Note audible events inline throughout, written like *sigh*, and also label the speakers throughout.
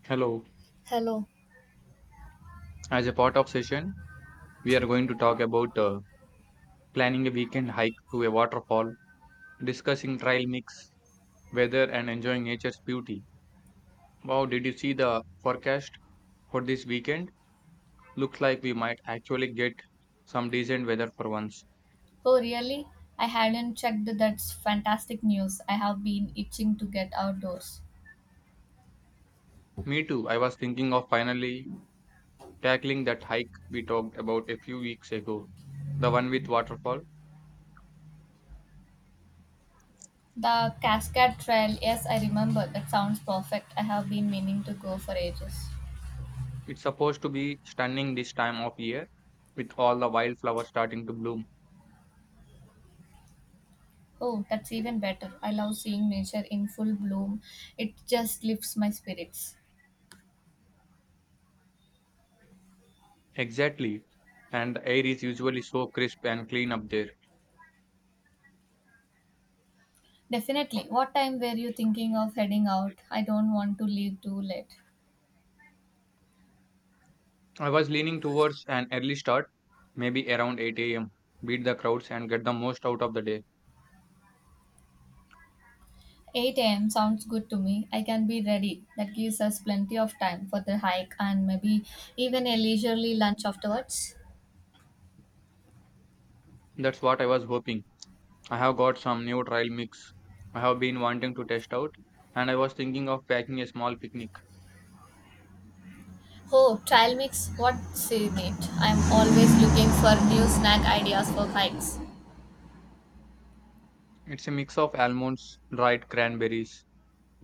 Speaker 1: Hello.
Speaker 2: Hello.
Speaker 1: As a part of session, we are going to talk about planning a weekend hike to a waterfall, discussing trail mix, weather, and enjoying nature's beauty. Wow, did you see the forecast for this weekend? Looks like we might actually get some decent weather for once.
Speaker 2: Oh, really? I hadn't checked. That's fantastic news. I have been itching to get outdoors.
Speaker 1: Me too. I was thinking of finally tackling that hike we talked about a few weeks ago, the one with waterfall.
Speaker 2: The Cascade Trail, yes, I remember. That sounds perfect. I have been meaning to go for ages.
Speaker 1: It's supposed to be stunning this time of year with all the wildflowers starting to bloom.
Speaker 2: Oh, that's even better. I love seeing nature in full bloom. It just lifts my spirits.
Speaker 1: Exactly. And the air is usually so crisp and clean up there.
Speaker 2: Definitely. What time were you thinking of heading out? I don't want to leave too late.
Speaker 1: I was leaning towards an early start, maybe around 8 a.m., beat the crowds and get the most out of the day.
Speaker 2: 8 a.m. sounds good to me. I can be ready. That gives us plenty of time for the hike and maybe even a leisurely lunch afterwards.
Speaker 1: That's what I was hoping. I have got some new trail mix I have been wanting to test out, and I was thinking of packing a small picnic.
Speaker 2: Oh, trail mix, what's in it? I'm always looking for new snack ideas for hikes.
Speaker 1: It's a mix of almonds, dried cranberries,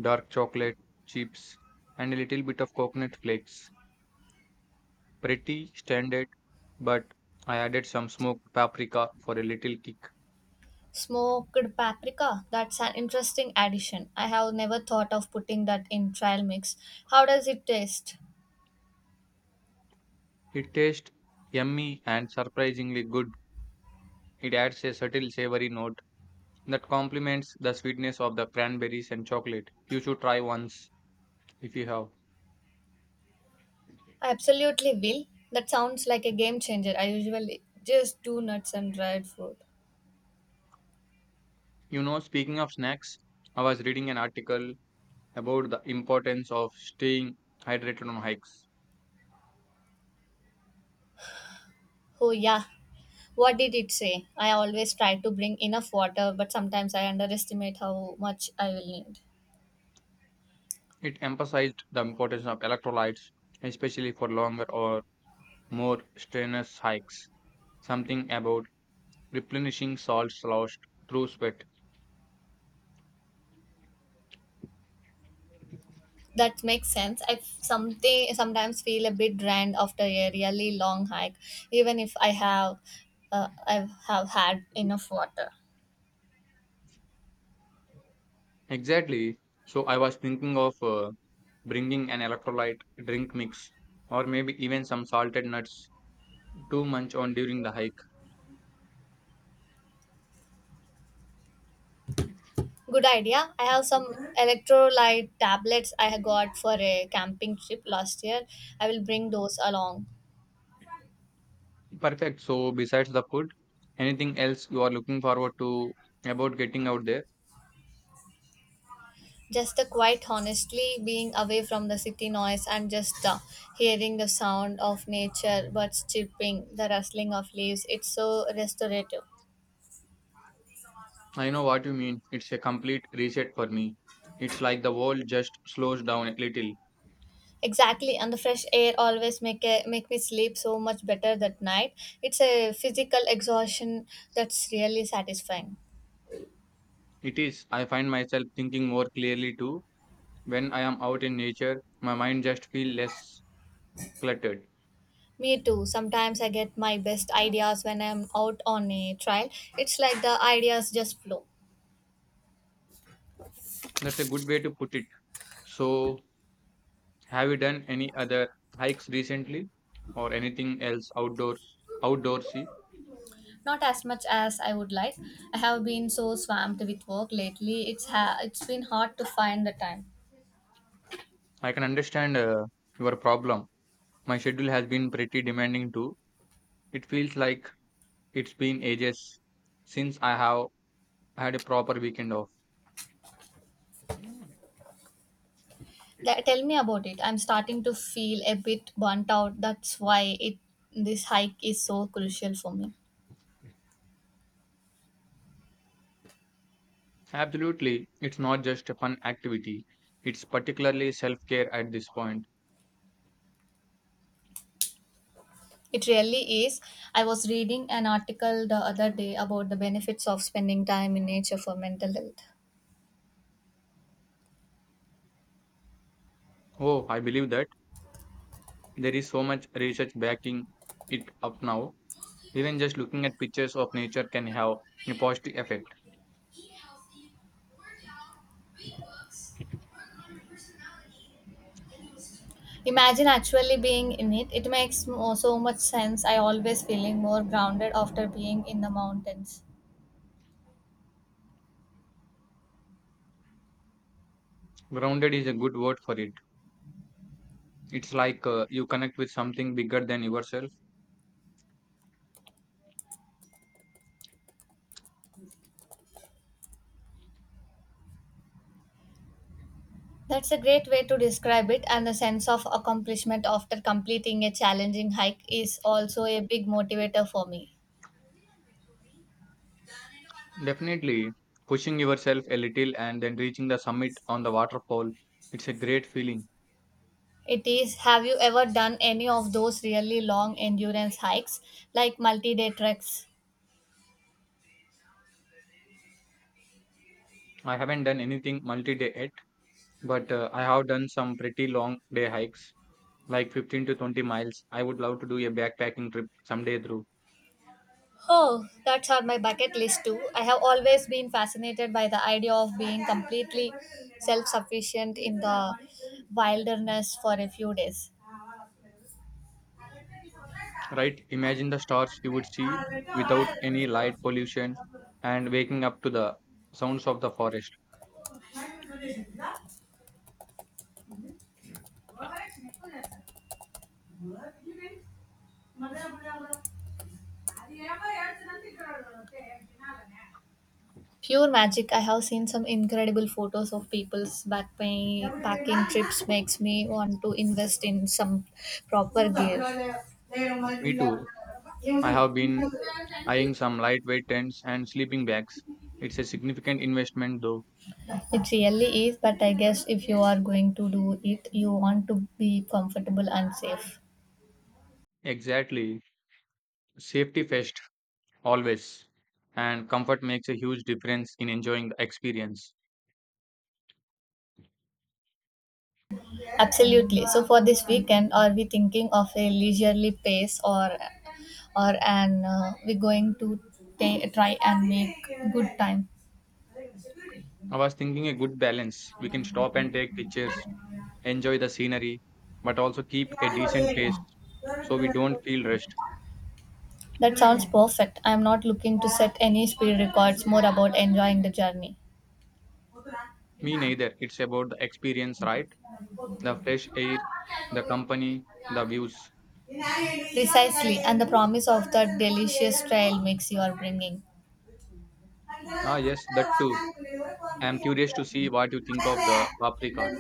Speaker 1: dark chocolate, chips, and a little bit of coconut flakes. Pretty standard, but I added some smoked paprika for a little kick.
Speaker 2: Smoked paprika, that's an interesting addition. I have never thought of putting that in trail mix. How does it taste?
Speaker 1: It tastes yummy and surprisingly good. It adds a subtle savory note that complements the sweetness of the cranberries and chocolate. You should try once if you have.
Speaker 2: I absolutely will. That sounds like a game changer. I usually just do nuts and dried fruit.
Speaker 1: Speaking of snacks, I was reading an article about the importance of staying hydrated on hikes.
Speaker 2: Oh, yeah, what did it say? I always try to bring enough water, but sometimes I underestimate how much I will need.
Speaker 1: It emphasized the importance of electrolytes, especially for longer or more strenuous hikes. Something about replenishing salts lost through sweat.
Speaker 2: That makes sense. I something sometimes feel a bit drained after a really long hike, even if I have I have had enough water.
Speaker 1: Exactly. So I was thinking of bringing an electrolyte drink mix, or maybe even some salted nuts to munch on during the hike.
Speaker 2: Good idea. I have some electrolyte tablets I got for a camping trip last year. I will bring those along.
Speaker 1: Perfect. So, besides the food, anything else you are looking forward to about getting out there?
Speaker 2: Just the quiet, honestly, being away from the city noise and just hearing the sound of nature, birds chirping, the rustling of leaves. It's so restorative.
Speaker 1: I know what you mean. It's a complete reset for me. It's like the world just slows down a little.
Speaker 2: Exactly, and the fresh air always make a, make me sleep so much better that night. It's a physical exhaustion that's really satisfying.
Speaker 1: It is. I find myself thinking more clearly too. When I am out in nature, my mind just feels less cluttered.
Speaker 2: Me too. Sometimes I get my best ideas when I'm out on a trail. It's like the ideas just flow.
Speaker 1: That's a good way to put it. So, have you done any other hikes recently or anything else outdoorsy?
Speaker 2: Not as much as I would like. I have been so swamped with work lately. It's been hard to find the time.
Speaker 1: I can understand your problem. My schedule has been pretty demanding too. It feels like it's been ages since I have had a proper weekend off.
Speaker 2: Tell me about it. I'm starting to feel a bit burnt out. That's why it this hike is so crucial for me.
Speaker 1: Absolutely. It's not just a fun activity. It's particularly self-care at this point.
Speaker 2: It really is. I was reading an article the other day about the benefits of spending time in nature for mental health.
Speaker 1: Oh, I believe that there is so much research backing it up now. Even just looking at pictures of nature can have a positive effect.
Speaker 2: Imagine actually being in it. It makes so much sense. I always feeling more grounded after being in the mountains.
Speaker 1: Grounded is a good word for it. It's like you connect with something bigger than yourself.
Speaker 2: That's a great way to describe it, and the sense of accomplishment after completing a challenging hike is also a big motivator for me.
Speaker 1: Definitely pushing yourself a little and then reaching the summit on the waterfall. It's a great feeling.
Speaker 2: It is, have you ever done any of those really long endurance hikes, like multi day treks?
Speaker 1: I haven't done anything multi day yet, but I have done some pretty long day hikes, like 15 to 20 miles. I would love to do a backpacking trip someday through.
Speaker 2: Oh, that's on my bucket list too. I have always been fascinated by the idea of being completely self sufficient in the wilderness for a few days.
Speaker 1: Right? Imagine the stars you would see without any light pollution and waking up to the sounds of the forest.
Speaker 2: Pure magic. I have seen some incredible photos of people's backpacking packing trips makes me want to invest in some proper gear.
Speaker 1: Me too. I have been eyeing some lightweight tents and sleeping bags. It's a significant investment though.
Speaker 2: It really is, but I guess if you are going to do it, you want to be comfortable and safe.
Speaker 1: Exactly. Safety first, always. And comfort makes a huge difference in enjoying the experience.
Speaker 2: Absolutely. So for this weekend, are we thinking of a leisurely pace or an we're going to try and make good time?
Speaker 1: I was thinking a good balance. We can stop and take pictures, enjoy the scenery, but also keep a decent pace so we don't feel rushed.
Speaker 2: That sounds perfect. I'm not looking to set any speed records, more about enjoying the journey.
Speaker 1: Me neither. It's about the experience, right? The fresh air, the company, the views.
Speaker 2: Precisely, and the promise of that delicious trail mix you are bringing.
Speaker 1: Ah, yes, that too. I am curious to see what you think of the paprika.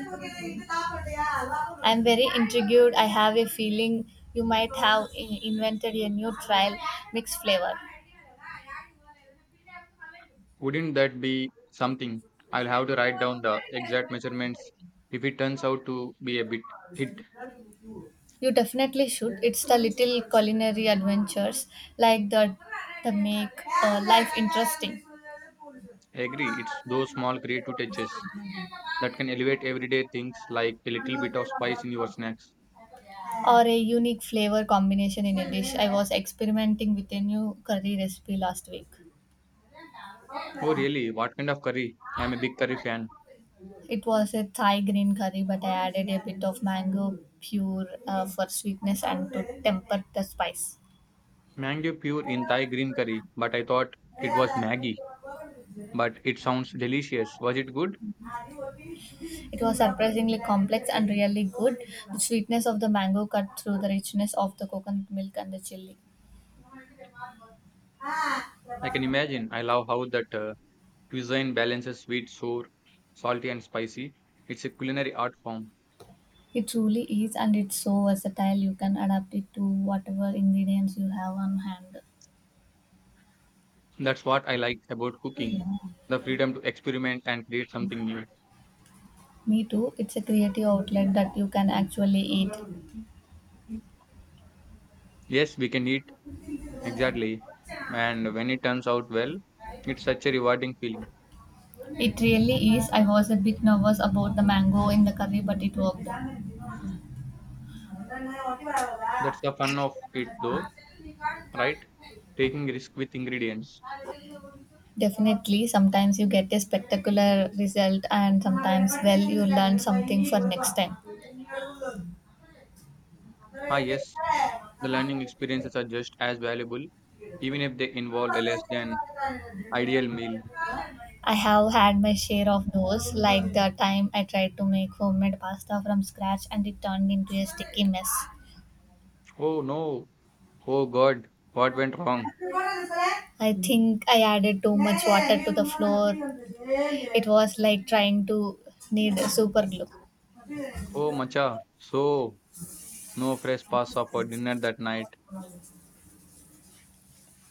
Speaker 2: I'm very intrigued. I have a feeling you might have invented a new trial mix flavor.
Speaker 1: Wouldn't that be something? I'll have to write down the exact measurements if it turns out to be a bit hit.
Speaker 2: You definitely should. It's the little culinary adventures like that that make life interesting.
Speaker 1: I agree, it's those small creative touches that can elevate everyday things like a little bit of spice in your snacks.
Speaker 2: Or a unique flavor combination in a dish. I was experimenting with a new curry recipe last week.
Speaker 1: Oh, really? What kind of curry? I'm a big curry fan.
Speaker 2: It was a Thai green curry, but I added a bit of mango pure for sweetness and to temper the spice.
Speaker 1: Mango pure in Thai green curry, but I thought it was Maggie. But it sounds delicious. Was it good?
Speaker 2: It was surprisingly complex and really good. The sweetness of the mango cut through the richness of the coconut milk and the chili.
Speaker 1: I can imagine. I love how that cuisine balances sweet, sour, salty, and spicy. It's a culinary art form.
Speaker 2: It truly is, and it's so versatile. You can adapt it to whatever ingredients you have on hand.
Speaker 1: That's what I like about cooking the freedom to experiment and create something new.
Speaker 2: Me too. It's a creative outlet that you can actually eat.
Speaker 1: Yes, we can eat, exactly. And when it turns out well, it's such a rewarding feeling.
Speaker 2: It really is. I was a bit nervous about the mango in the curry, but it worked.
Speaker 1: That's the fun of it, though, right? Taking risk with ingredients.
Speaker 2: Definitely, sometimes you get a spectacular result, and sometimes, well, you learn something for next time.
Speaker 1: Ah, yes, the learning experiences are just as valuable, even if they involve a less than ideal meal.
Speaker 2: I have had my share of those, like the time I tried to make homemade pasta from scratch and it turned into a sticky mess.
Speaker 1: Oh no, oh God, what went wrong?
Speaker 2: I think I added too much water to the flour. It was like trying to knead super glue.
Speaker 1: Oh, Macha, so no fresh pasta for dinner that night.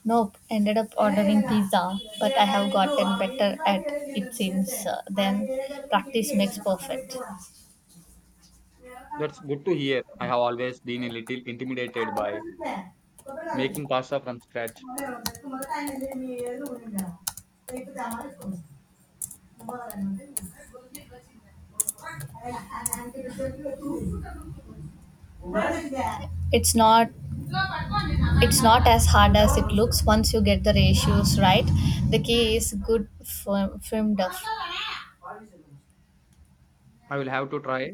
Speaker 2: Nope, ended up ordering pizza, but I have gotten better at it since then. Practice makes perfect.
Speaker 1: That's good to hear. I have always been a little intimidated by making pasta from scratch.
Speaker 2: It's not it's not as hard as it looks once you get the ratios right. The key is good firm duff.
Speaker 1: I will have to try.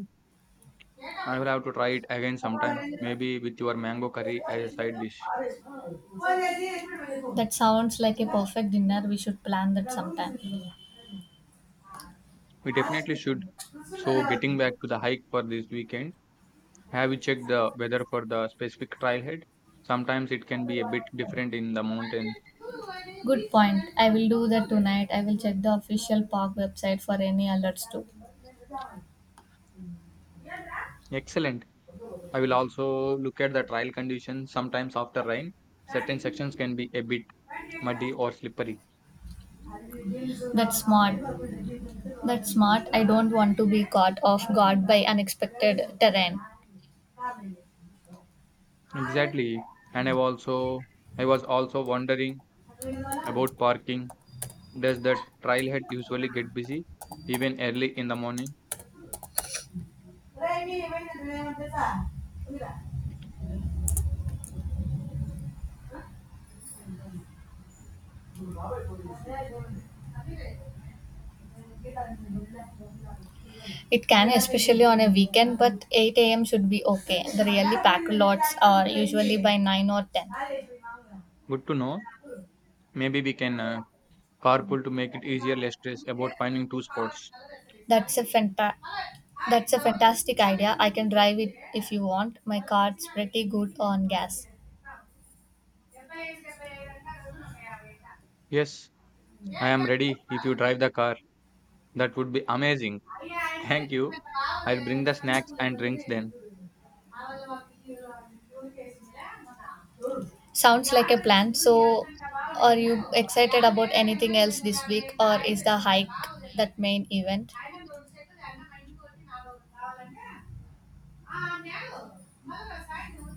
Speaker 1: I will have to try it again sometime, maybe with your mango curry as a side dish.
Speaker 2: That sounds like a perfect dinner. We should plan that sometime.
Speaker 1: We definitely should. So, getting back to the hike for this weekend, have you checked the weather for the specific trailhead? Sometimes it can be a bit different in the mountains.
Speaker 2: Good point. I will do that tonight. I will check the official park website for any alerts too.
Speaker 1: Excellent. I will also look at the trail conditions. Sometimes after rain, certain sections can be a bit muddy or slippery.
Speaker 2: That's smart. That's smart. I don't want to be caught off guard by unexpected terrain.
Speaker 1: Exactly. And I was also wondering about parking. Does the trailhead usually get busy even early in the morning?
Speaker 2: It can, especially on a weekend, but 8 a.m. should be okay. The really packed lots are usually by 9 or 10.
Speaker 1: Good to know. Maybe we can carpool to make it easier, less stress about finding two spots.
Speaker 2: That's a fanta- That's a fantastic idea. I can drive it if you want. My car's pretty good on gas.
Speaker 1: Yes, I am ready if you drive the car. That would be amazing. *laughs* Thank you. I'll bring the snacks and drinks then.
Speaker 2: Sounds like a plan. So, are you excited about anything else this week, or is the hike that main event?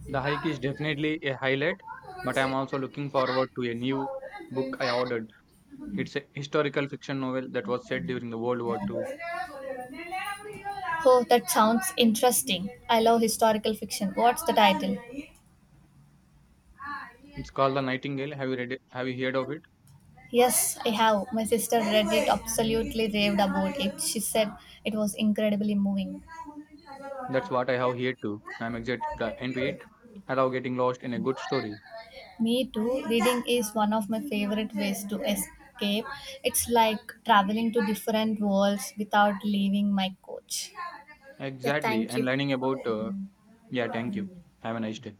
Speaker 1: The hike is definitely a highlight, but I'm also looking forward to a new book I ordered. It's a historical fiction novel that was set during the World War II.
Speaker 2: Oh, that sounds interesting. I love historical fiction. What's the title?
Speaker 1: It's called the Nightingale. Have you read it? Have you heard of it?
Speaker 2: Yes, I have. My sister read it, absolutely raved about it. She said it was incredibly moving.
Speaker 1: That's what I have here too. I'm excited to into it. I love getting lost in a good story.
Speaker 2: Me too. Reading is one of my favorite ways to escape. It's like traveling to different worlds without leaving my couch. Yeah,
Speaker 1: Exactly.
Speaker 2: thank
Speaker 1: And
Speaker 2: you.
Speaker 1: learning about, yeah, thank you. Have a nice day.